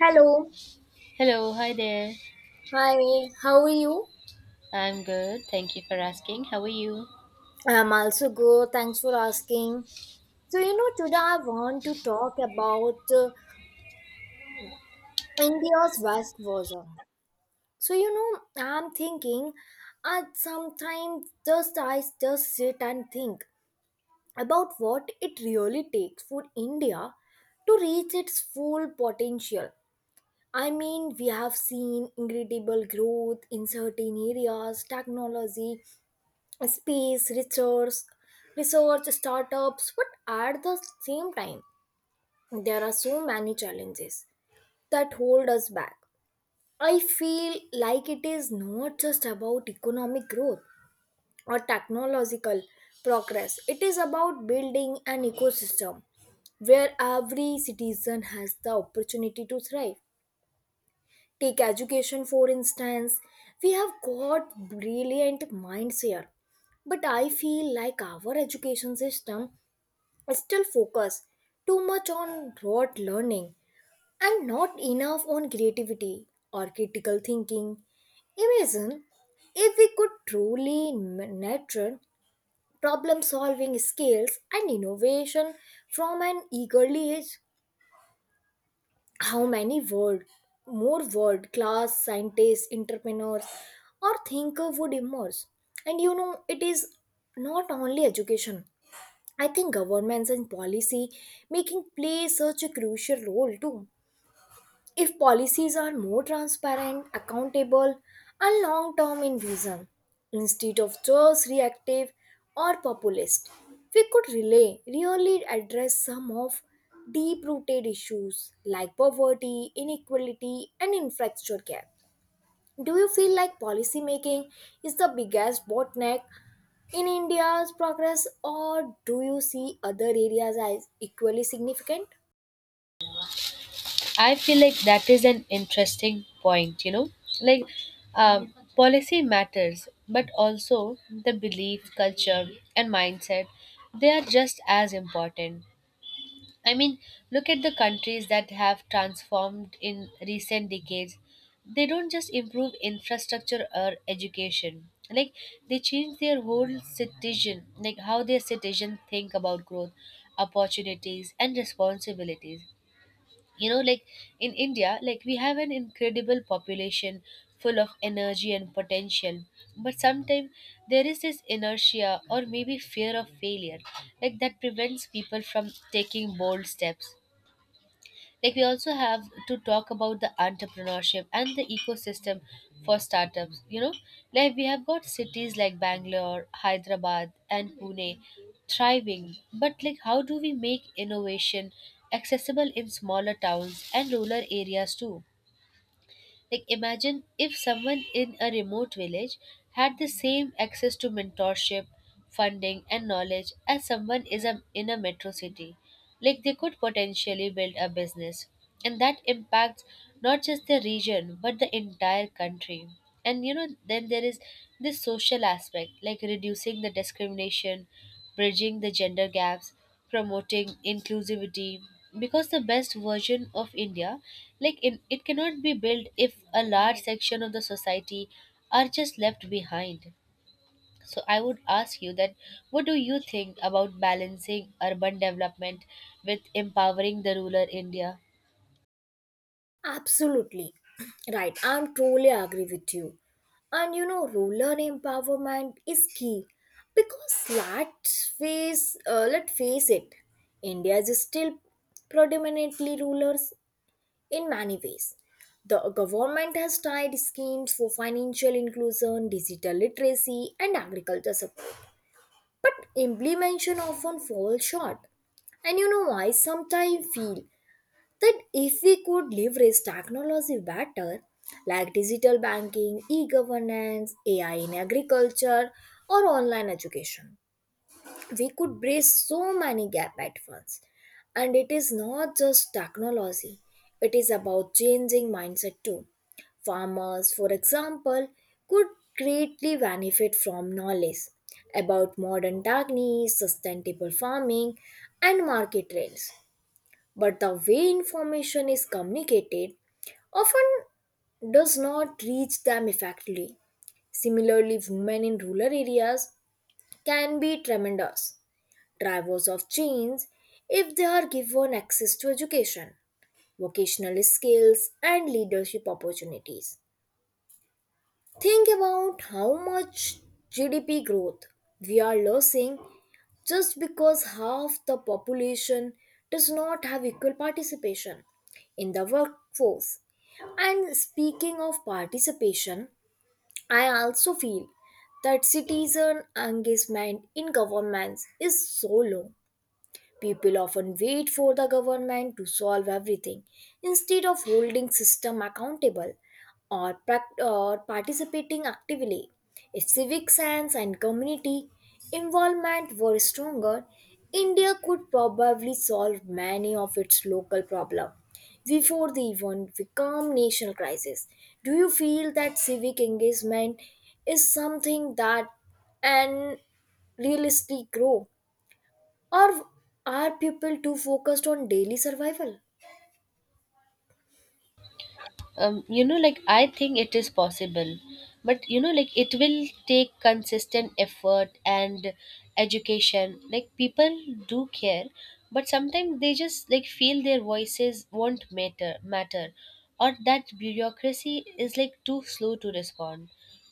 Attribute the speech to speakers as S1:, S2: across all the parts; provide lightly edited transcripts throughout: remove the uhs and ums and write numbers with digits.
S1: Hello.
S2: Hello, hi there.
S1: Hi, how are you?
S2: I'm good. Thank you for asking. How are you?
S1: I'm also good. Thanks for asking. So, you know, today I want to talk about India's West Bazaar. So, you know, I'm thinking, sometimes just I just sit and think about what it really takes for India to reach its full potential. I mean, we have seen incredible growth in certain areas, technology, space research startups, but at the same time, there are so many challenges that hold us back. I feel like it is not just about economic growth or technological progress, it is about building an ecosystem where every citizen has the opportunity to thrive. Take education, for instance. We have got brilliant minds here. But I feel like our education system still focused too much on rote learning and not enough on creativity or critical thinking. Imagine if we could truly nurture problem solving skills and innovation from an early age. How many word more world class scientists, entrepreneurs, or thinker would emerge. And you know, it is not only education. I think governments and policy making play such a crucial role too. If policies are more transparent, accountable, and long term in vision, instead of just reactive or populist, we could really, really address some of deep rooted issues like poverty, inequality, and infrastructure gap. Do you feel like policy making is the biggest bottleneck in India's progress, or do you see other areas as equally significant?
S2: I feel like that is an interesting point, you know? Like, policy matters, but also the belief, culture, and mindset, they are just as important. I mean, look at the countries that have transformed in recent decades. They don't just improve infrastructure or education. Like they change their whole citizen, like how their citizens think about growth, opportunities, and responsibilities. You know, like in India, like we have an incredible population full of energy and potential, but sometimes there is this inertia or maybe fear of failure, like that prevents people from taking bold steps. Like we also have to talk about the entrepreneurship and the ecosystem for startups. You know, like we have got cities like Bangalore, Hyderabad, and Pune thriving, but like how do we make innovation accessible in smaller towns and rural areas too? Like, imagine if someone in a remote village had the same access to mentorship, funding, and knowledge as in a metro city. Like, they could potentially build a business, and that impacts not just the region but the entire country. And you know, then there is this social aspect, like reducing the discrimination, bridging the gender gaps, promoting inclusivity, because the best version of India, it cannot be built if a large section of the society are just left behind. So I would ask you that, what do you think about balancing urban development with empowering the rural India?
S1: Absolutely right. I'm totally agree with you. And you know, ruler empowerment is key because let's face it, India is still predominantly rulers in many ways. The government has tried schemes for financial inclusion, digital literacy, and agriculture support, but implementation often falls short. And you know, I sometimes feel that if we could leverage technology better, like digital banking, e governance, AI in agriculture, or online education, we could bridge so many gaps at once. And it is not just technology, it is about changing mindset too. Farmers, for example, could greatly benefit from knowledge about modern techniques, sustainable farming, and market trends, but the way information is communicated often does not reach them effectively. Similarly, women in rural areas can be tremendous drivers of change if they are given access to education, vocational skills, and leadership opportunities. Think about how much GDP growth we are losing just because half the population does not have equal participation in the workforce. And speaking of participation, I also feel that citizen engagement in governments is so low. People often wait for the government to solve everything instead of holding system accountable, or participating actively. If civic sense and community involvement were stronger, India could probably solve many of its local problems before they even become national crisis. Do you feel that civic engagement is something that and realistically grow? Or are people too focused on daily survival?
S2: You know, like I think it is possible, but you know like it will take consistent effort and education. Like people do care, but sometimes they just like feel their voices won't matter, or that bureaucracy is like too slow to respond.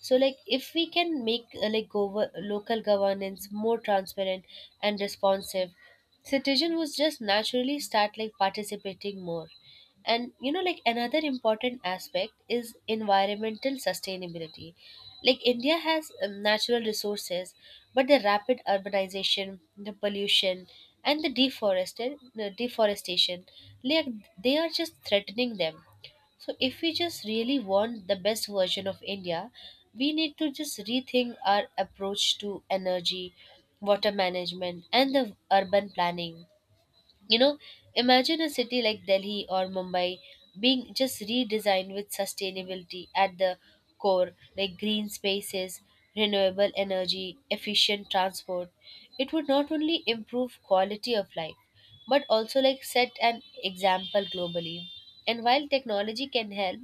S2: So like if we can make like local governance more transparent and responsive, citizen would just naturally start like participating more. And you know, like another important aspect is environmental sustainability. Like India has natural resources, but the rapid urbanization, the pollution, and the deforested the deforestation, like they are just threatening them. So if we just really want the best version of India, we need to just rethink our approach to energy, water management, and the urban planning. You know, imagine a city like Delhi or Mumbai being just redesigned with sustainability at the core, like green spaces, renewable energy, efficient transport. It would not only improve quality of life, but also like set an example globally. And while technology can help,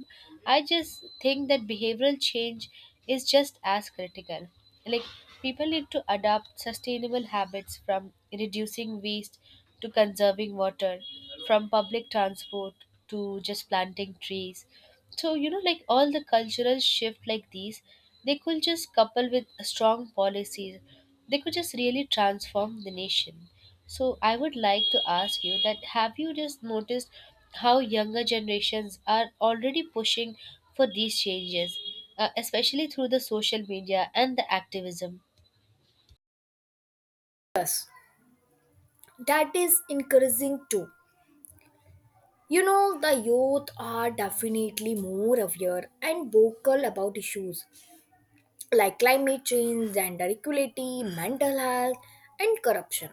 S2: I just think that behavioral change is just as critical. Like, people need to adopt sustainable habits, from reducing waste to conserving water, from public transport to just planting trees. So, you know, like all the cultural shift like these, they could just couple with strong policies. They could just really transform the nation. So I would like to ask you that, have you just noticed how younger generations are already pushing for these changes, especially through the social media and the activism?
S1: That is encouraging too. You know, the youth are definitely more aware and vocal about issues like climate change, gender equality, mental health, and corruption.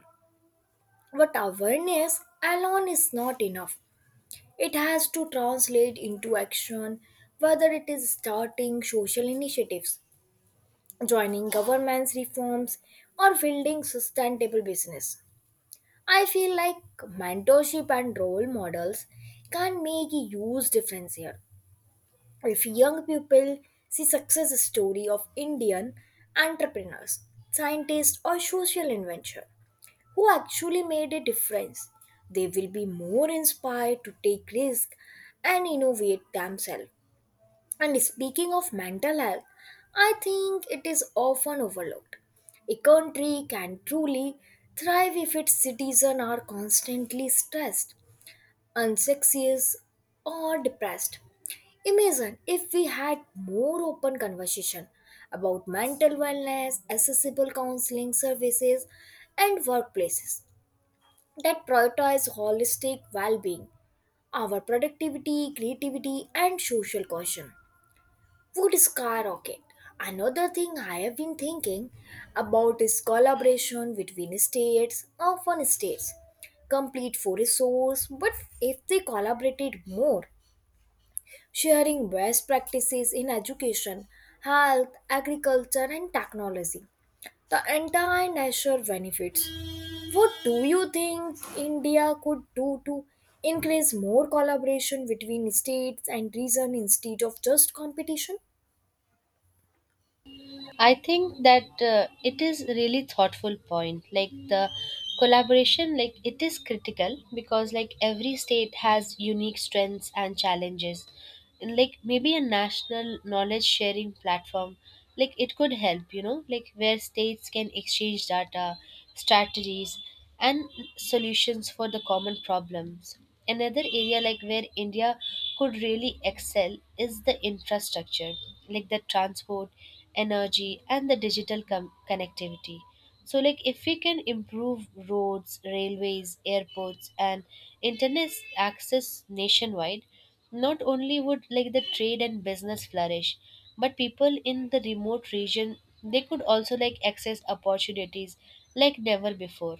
S1: But awareness alone is not enough. It has to translate into action, whether it is starting social initiatives, joining government's reforms, or building sustainable business. I feel like mentorship and role models can make a huge difference here. If young people see success story of Indian entrepreneurs, scientists, or social inventor who actually made a difference, they will be more inspired to take risk and innovate themselves. And speaking of mental health, I think it is often overlooked. A country can truly thrive if its citizens are constantly stressed, anxious, or depressed. Imagine if we had more open conversation about mental wellness, accessible counseling services, and workplaces that prioritize holistic well-being, our productivity, creativity, and social cohesion would skyrocket. Another thing I have been thinking about is collaboration between states or fun states. Complete for resource, but if they collaborated more, sharing best practices in education, health, agriculture, and technology, the entire nation benefits. What do you think India could do to increase more collaboration between states and region instead of just competition?
S2: I think that it is really thoughtful point. Like the collaboration, like it is critical, because like every state has unique strengths and challenges, and like maybe a national knowledge sharing platform, like it could help, you know, like where states can exchange data, strategies, and solutions for the common problems. Another area like where India could really excel is the infrastructure, like the transport, energy, and the digital connectivity. So, like if we can improve roads, railways, airports, and internet access nationwide, not only would like the trade and business flourish, but people in the remote region, they could also like access opportunities like never before.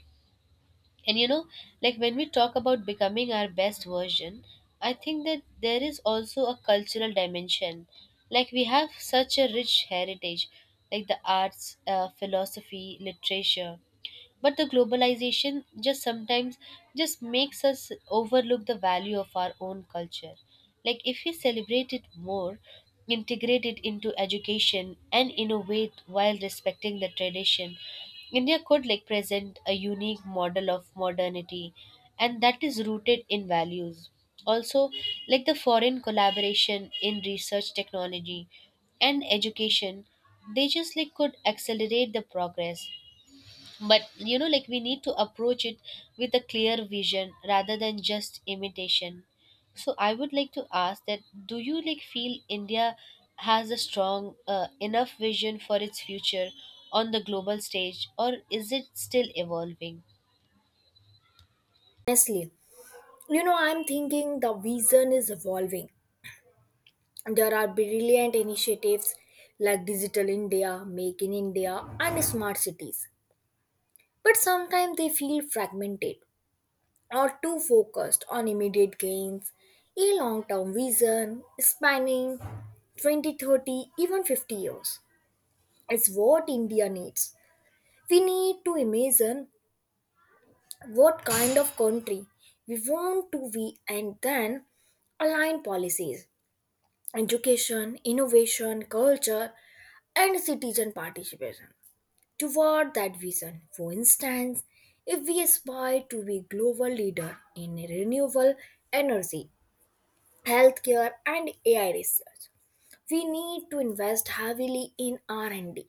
S2: And you know, like when we talk about becoming our best version, I think that there is also a cultural dimension. Like we have such a rich heritage, like the arts, philosophy, literature. But the globalization just sometimes just makes us overlook the value of our own culture. Like if we celebrate it more, integrate it into education and innovate while respecting the tradition, India could like present a unique model of modernity, and that is rooted in values. Also, like the foreign collaboration in research technology and education, they just like could accelerate the progress. But you know like we need to approach it with a clear vision rather than just imitation. So I would like to ask that, do you like feel India has a strong enough vision for its future on the global stage, or is it still evolving?
S1: Honestly, you know, I'm thinking the vision is evolving. There are brilliant initiatives like digital india, make in india, and smart cities, but sometimes they feel fragmented or too focused on immediate gains. A long-term vision spanning 20 30, even 50 years, is what india needs. We need to imagine what kind of country we want to be, and then align policies, education, innovation, culture, and citizen participation toward that vision. For instance, if we aspire to be global leader in renewable energy, healthcare, and AI research, we need to invest heavily in R&D,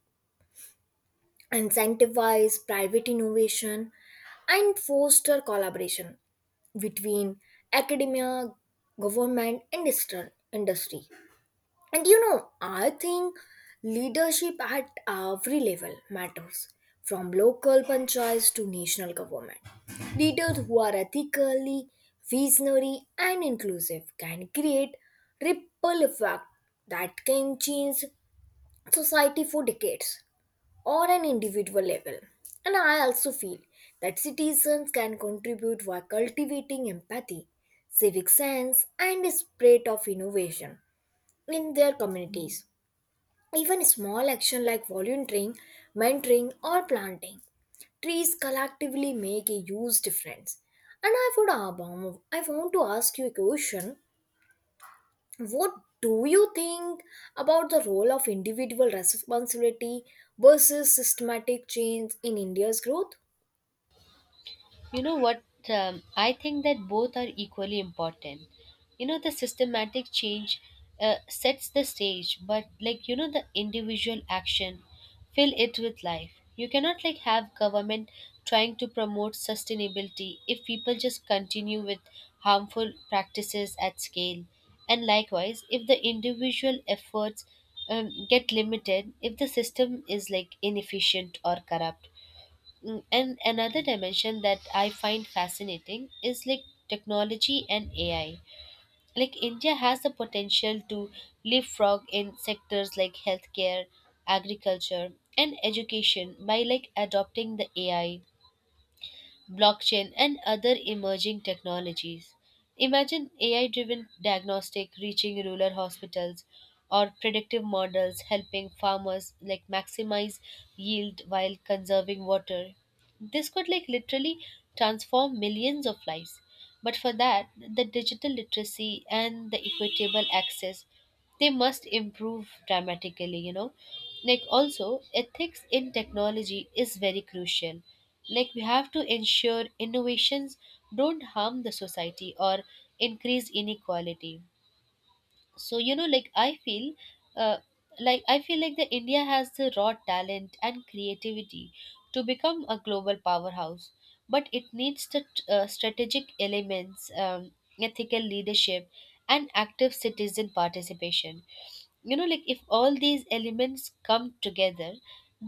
S1: incentivize private innovation, and foster collaboration between academia, government, and industry. And you know, I think leadership at every level matters, from local panchayats to national government. Leaders who are ethically visionary and inclusive can create ripple effect that can change society for decades or an individual level. And I also feel that citizens can contribute by cultivating empathy, civic sense, and a spirit of innovation in their communities. Even small action like volunteering, mentoring, or planting trees collectively make a huge difference. And I would ab- I want to ask you a question. What do you think about the role of individual responsibility versus systematic change in India's growth?
S2: You know what? I think that both are equally important. You know, the systematic change sets the stage, but like, you know, the individual action, fill it with life. You cannot like have government trying to promote sustainability if people just continue with harmful practices at scale. And likewise, if the individual efforts get limited, if the system is like inefficient or corrupt. Mm. And another dimension that I find fascinating is like technology and AI. Like India has the potential to leapfrog in sectors like healthcare, agriculture, and education by like adopting the AI, blockchain, and other emerging technologies. Imagine AI driven diagnostic reaching rural hospitals, or predictive models helping farmers like maximize yield while conserving water. This could like literally transform millions of lives. But for that, the digital literacy and the equitable access, they must improve dramatically. You know, like also ethics in technology is very crucial. Like we have to ensure innovations don't harm the society or increase inequality. So you know, uh, like I feel like that India has the raw talent and creativity to become a global powerhouse, but it needs the strategic elements, ethical leadership, and active citizen participation. You know, like if all these elements come together,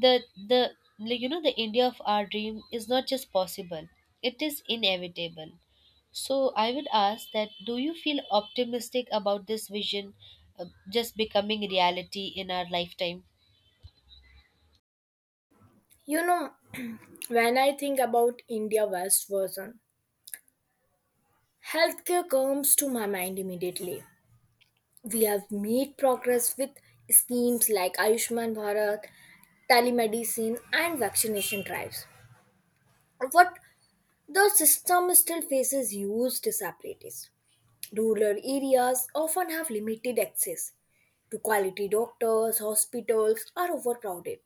S2: the the like, you know, the India of our dream is not just possible, it is inevitable. So I would ask that, do you feel optimistic about this vision just becoming reality in our lifetime?
S1: You know, when I think about India West version, healthcare comes to my mind immediately. We have made progress with schemes like Ayushman Bharat, telemedicine, and vaccination drives. But the system still faces huge disparities. Rural areas often have limited access to quality doctors, hospitals are overcrowded,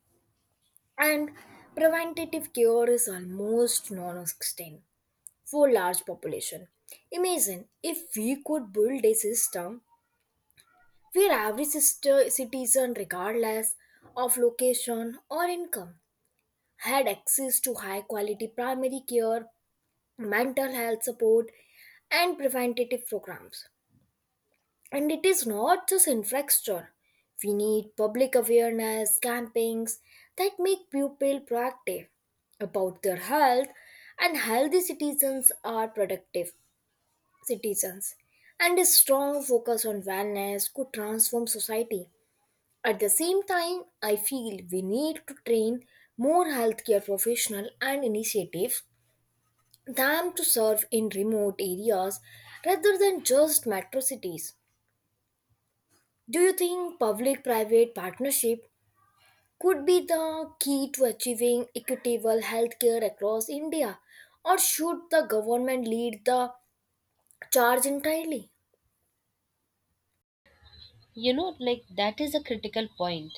S1: and preventative care is almost non existent for large population. Imagine if we could build a system where every sister citizen, regardless of location or income, had access to high quality primary care, mental health support, and preventative programs. And it is not just infrastructure. We need public awareness campaigns that make people proactive about their health, and healthy citizens are productive citizens. And a strong focus on wellness could transform society. At the same time, I feel we need to train more healthcare professionals and initiatives them to serve in remote areas rather than just metro cities. Do you think public private partnership could be the key to achieving equitable healthcare across India, or should the government lead the charge entirely?
S2: You know, like that is a critical point.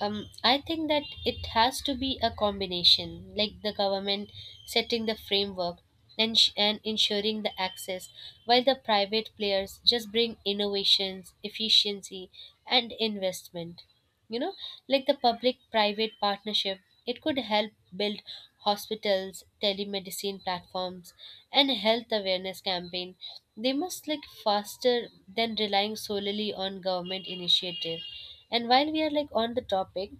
S2: I think that it has to be a combination, like the government setting the framework and, and ensuring the access, while the private players just bring innovations, efficiency, and investment. You know, like the public private partnership, it could help build hospitals, telemedicine platforms, and health awareness campaign. They must like faster than relying solely on government initiative. And while we are like on the topic,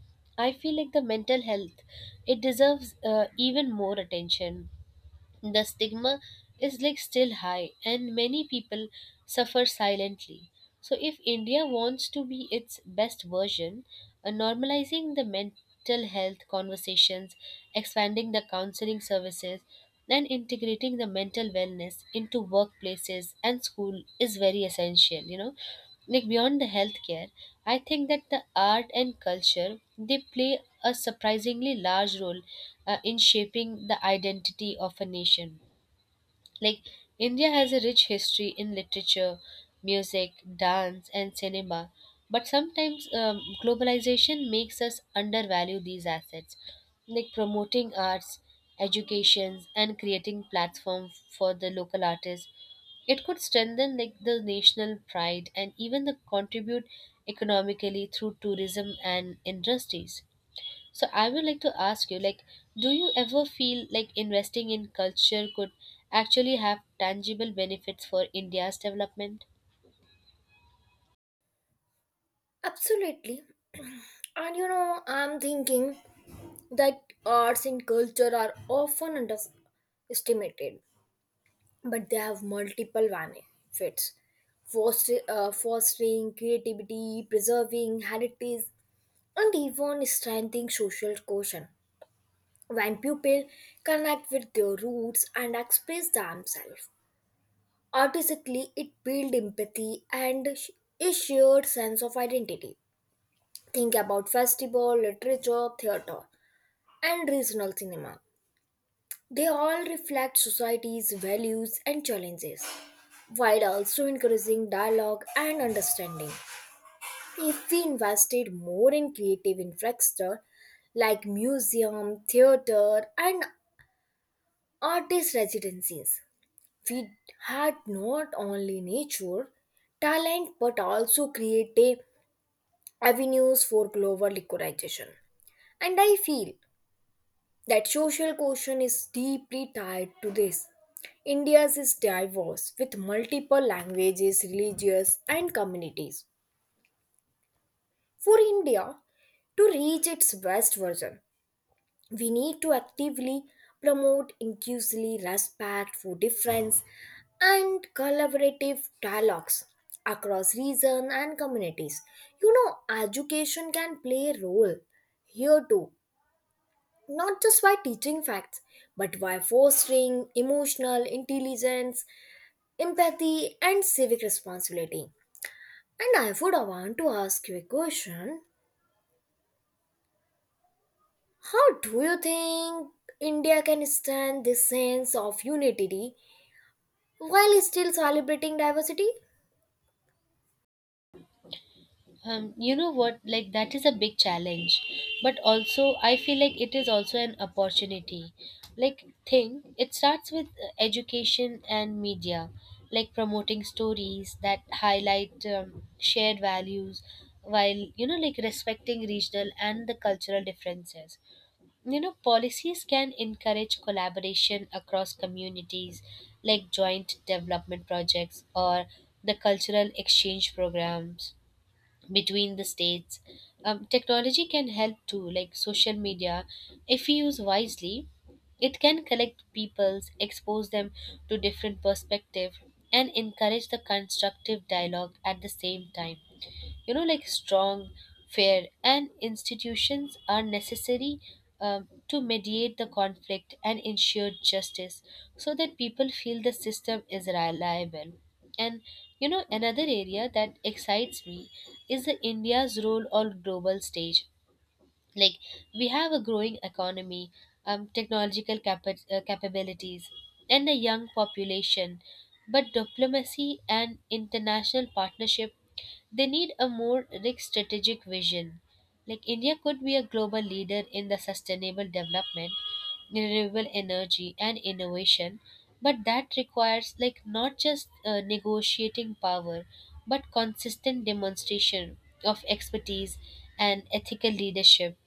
S2: I feel like the mental health, it deserves even more attention. The stigma is like still high, and many people suffer silently. So, if India wants to be its best version, normalizing the mental health conversations, expanding the counseling services, and integrating the mental wellness into workplaces and school is very essential. You know, like beyond the healthcare, I think that the art and culture, they play a surprisingly large role in shaping the identity of a nation. Like, India has a rich history in literature, music, dance, and cinema, but sometimes globalization makes us undervalue these assets. Like, promoting arts, educations, and creating platform for the local artists, it could strengthen like the national pride and even the contribute economically through tourism and industries. So I would like to ask you, like, do you ever feel like investing in culture could actually have tangible benefits for India's development?
S1: Absolutely. And you know, I'm thinking that arts and culture are often underestimated, but they have multiple benefits. Fostering creativity, preserving heritage, and even strengthening social cohesion. When people connect with their roots and express themselves artistically, it builds empathy and a shared sense of identity. Think about festival, literature, theater, and regional cinema. They all reflect society's values and challenges, while also encouraging dialogue and understanding. If we invested more in creative infrastructure like museum, theater, and artist residencies, we had not only nature, talent, but also creative avenues for global equalization. And I feel that social question is deeply tied to this. India's is diverse with multiple languages, religions, and communities. For India to reach its best version, we need to actively promote inclusively respect for difference and collaborative dialogues across region and communities. You know, education can play a role here too, not just by teaching facts, but by fostering emotional intelligence, empathy, and civic responsibility. And I would want to ask you a question. How do you think India can stand this sense of unity while still celebrating diversity?
S2: You know what, like that is a big challenge, but also I feel like it is also an opportunity. Like thing, it starts with education and media, like promoting stories that highlight shared values, while you know like respecting regional and the cultural differences. You know, policies can encourage collaboration across communities, like joint development projects or the cultural exchange programs between the states. Technology can help too, like social media. If we use wisely, it can collect peoples, expose them to different perspectives, and encourage the constructive dialogue. At the same time, you know, like strong fair and institutions are necessary to mediate the conflict and ensure justice, so that people feel the system is reliable. And you know, another area that excites me is the India's role on global stage. Like we have a growing economy, technological capabilities, and a young population, but diplomacy and international partnership, they need a more like strategic vision. Like India could be a global leader in the sustainable development, renewable energy and innovation, but that requires like not just negotiating power, but consistent demonstration of expertise and ethical leadership.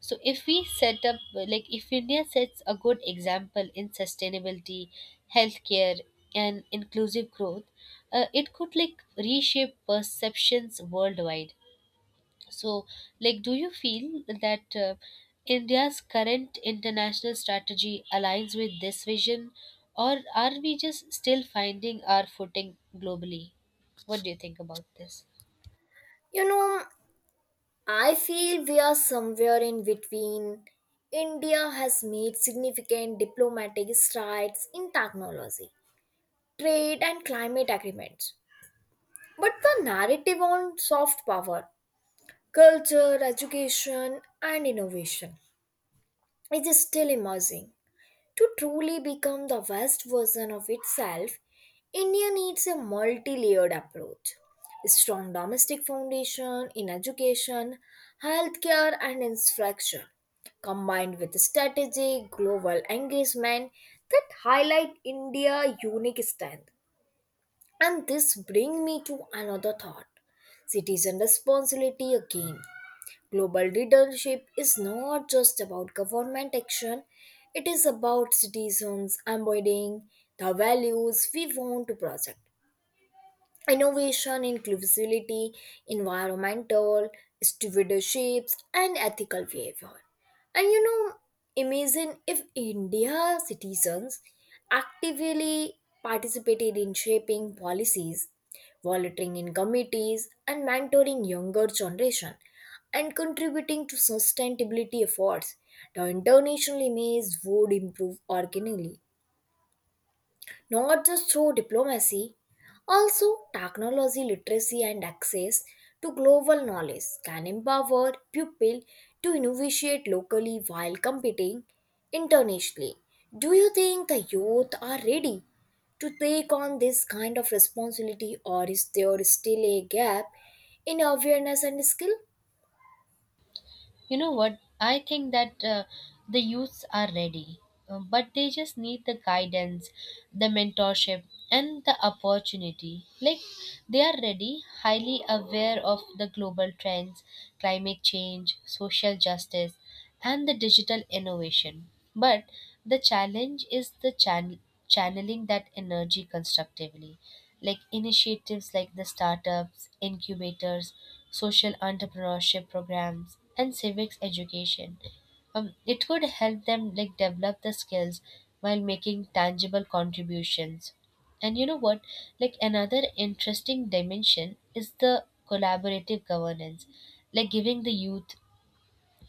S2: So if we set up, like if India sets a good example in sustainability, healthcare, and inclusive growth, it could like reshape perceptions worldwide. So, like, do you feel that India's current international strategy aligns with this vision, or are we just still finding our footing globally? What do you think about this?
S1: You know, I feel we are somewhere in between. India has made significant diplomatic strides in technology, trade, and climate agreements. But the narrative on soft power, culture, education, and innovation is still emerging. To truly become the best version of itself, India needs a multi layered approach. A strong domestic foundation in education, healthcare, and instruction, combined with strategic global engagement that highlight India's unique strength. And this bring me to another thought. Citizen responsibility again. Global leadership is not just about government action, it is about citizens embodying the values we want to project, innovation, inclusivity, environmental stewardship, and ethical behavior. And you know, imagine if India citizens actively participated in shaping policies, volunteering in committees, and mentoring younger generation, and contributing to sustainability efforts. The international image would improve organically not just through diplomacy, also technology literacy and access to global knowledge can empower pupil to innovate locally while competing internationally. Do you think the youth are ready to take on this kind of responsibility, or is there still a gap in awareness and skill?
S2: You know what? I think that the youths are ready, but they just need the guidance, the mentorship, and the opportunity. Like they are ready, highly aware of the global trends, climate change, social justice, and the digital innovation. But the challenge is the channeling that energy constructively, like initiatives like the startups, incubators, social entrepreneurship programs, and civics education. It could help them like develop the skills while making tangible contributions. And you know what? Like another interesting dimension is the collaborative governance, like giving the youth,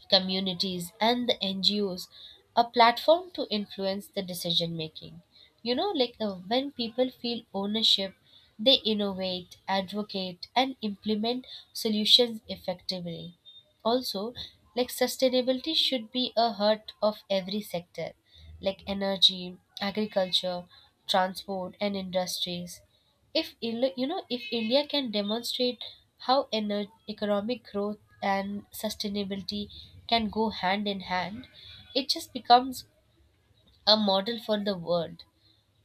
S2: communities, and the NGOs a platform to influence the decision making. You know, like when people feel ownership, they innovate, advocate, and implement solutions effectively. Also, like sustainability should be a heart of every sector, like energy, agriculture, transport, and industries. If Ill- You know, if India can demonstrate how economic growth and sustainability can go hand in hand, it just becomes a model for the world.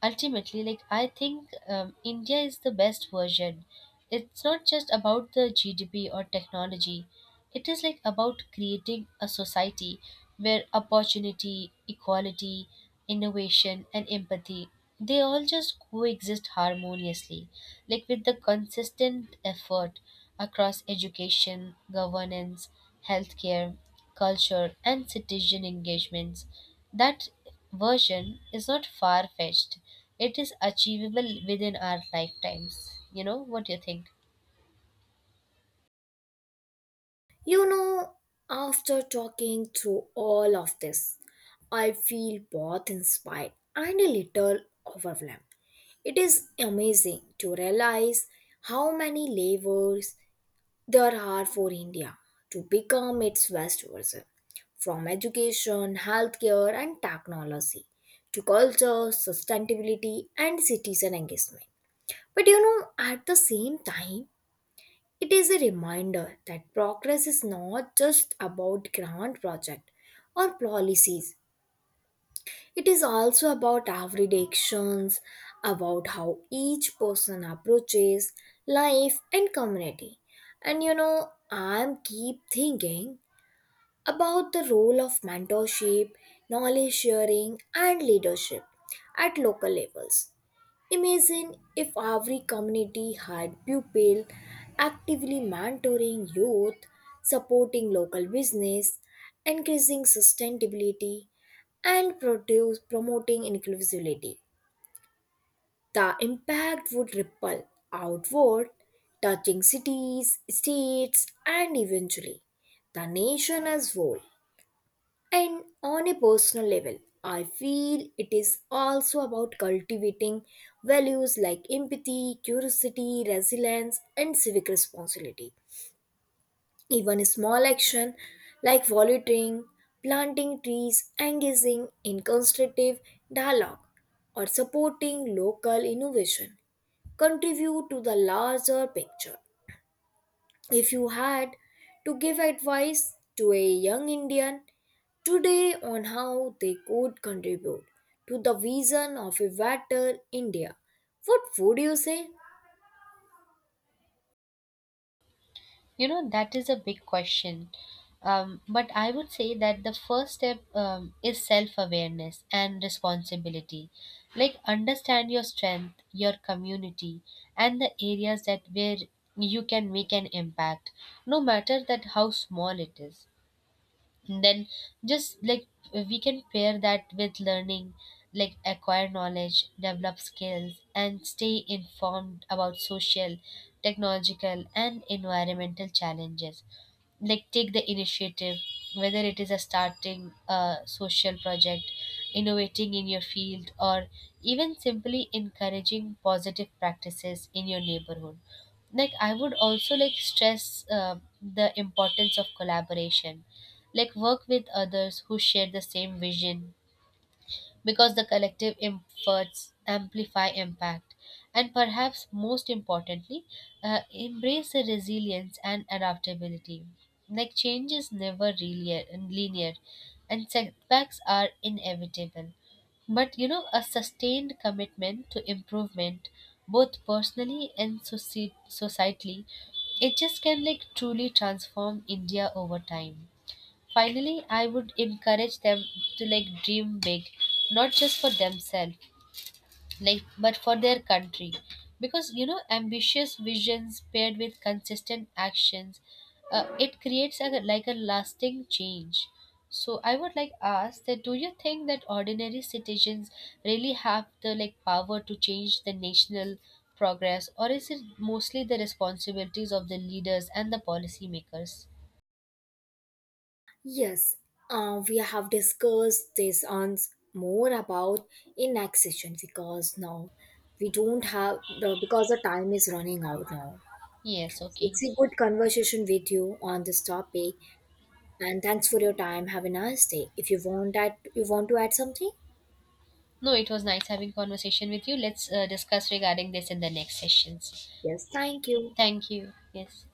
S2: Ultimately, like I think India is the best version, it's not just about the GDP or technology, it is like about creating a society where opportunity, equality, innovation, and empathy, they all just coexist harmoniously. Like with the consistent effort across education, governance, healthcare, culture, and citizen engagements, that version is not far fetched. It is achievable within our lifetimes. You know, what do you think?
S1: You know, after talking through all of this, I feel both inspired and a little overwhelmed. It is amazing to realize how many layers there are for India to become its best version, from education, healthcare, and technology to culture, sustainability, and citizen engagement. But you know, at the same time, it is a reminder that progress is not just about grand projects or policies. It is also about everyday actions, about how each person approaches life and community. And you know, I'm keep thinking about the role of mentorship, knowledge sharing, and leadership at local levels. Imagine if every community had pupil actively mentoring youth, supporting local business, increasing sustainability, and promoting inclusivity. The impact would ripple outward, touching cities, states, and eventually the nation as whole. And on a personal level, I feel it is also about cultivating values like empathy, curiosity, resilience, and civic responsibility. Even a small action like volunteering, planting trees, engaging in constructive dialogue, or supporting local innovation contribute to the larger picture. If you had to give advice to a young Indian today on how they could contribute to the vision of a better India, what would you say?
S2: You know, that is a big question. But I would say that the first step is self awareness and responsibility. Like, understand your strength, your community, and the areas that where you can make an impact, no matter that how small it is. And then just like we can pair that with learning, like acquire knowledge, develop skills, and stay informed about social, technological, and environmental challenges. Like take the initiative, whether it is a starting a social project, innovating in your field, or even simply encouraging positive practices in your neighborhood. Like I would also like stress the importance of collaboration, like work with others who share the same vision, because the collective efforts amplify impact. And perhaps most importantly, embrace the resilience and adaptability. Like change is never linear, and setbacks are inevitable. But you know, a sustained commitment to improvement, both personally and societally, it just can like truly transform India over time. Finally, I would encourage them to like dream big, not just for themselves, like but for their country. Because you know, ambitious visions paired with consistent actions, it creates like a lasting change. So I would like ask that, do you think that ordinary citizens really have the like power to change the national progress, or is it mostly the responsibilities of the leaders and the policymakers?
S1: Yes, we have discussed this on more about in next session, because now we don't have the, because the time is running out now.
S2: Yes,
S1: It's
S2: okay.
S1: a good conversation with you on this topic, and thanks for your time. Have a nice day. If you want that, you want to add something.
S2: No, it was nice having conversation with you. Let's discuss regarding this in the next sessions.
S1: Yes, thank you.
S2: Thank you. Yes.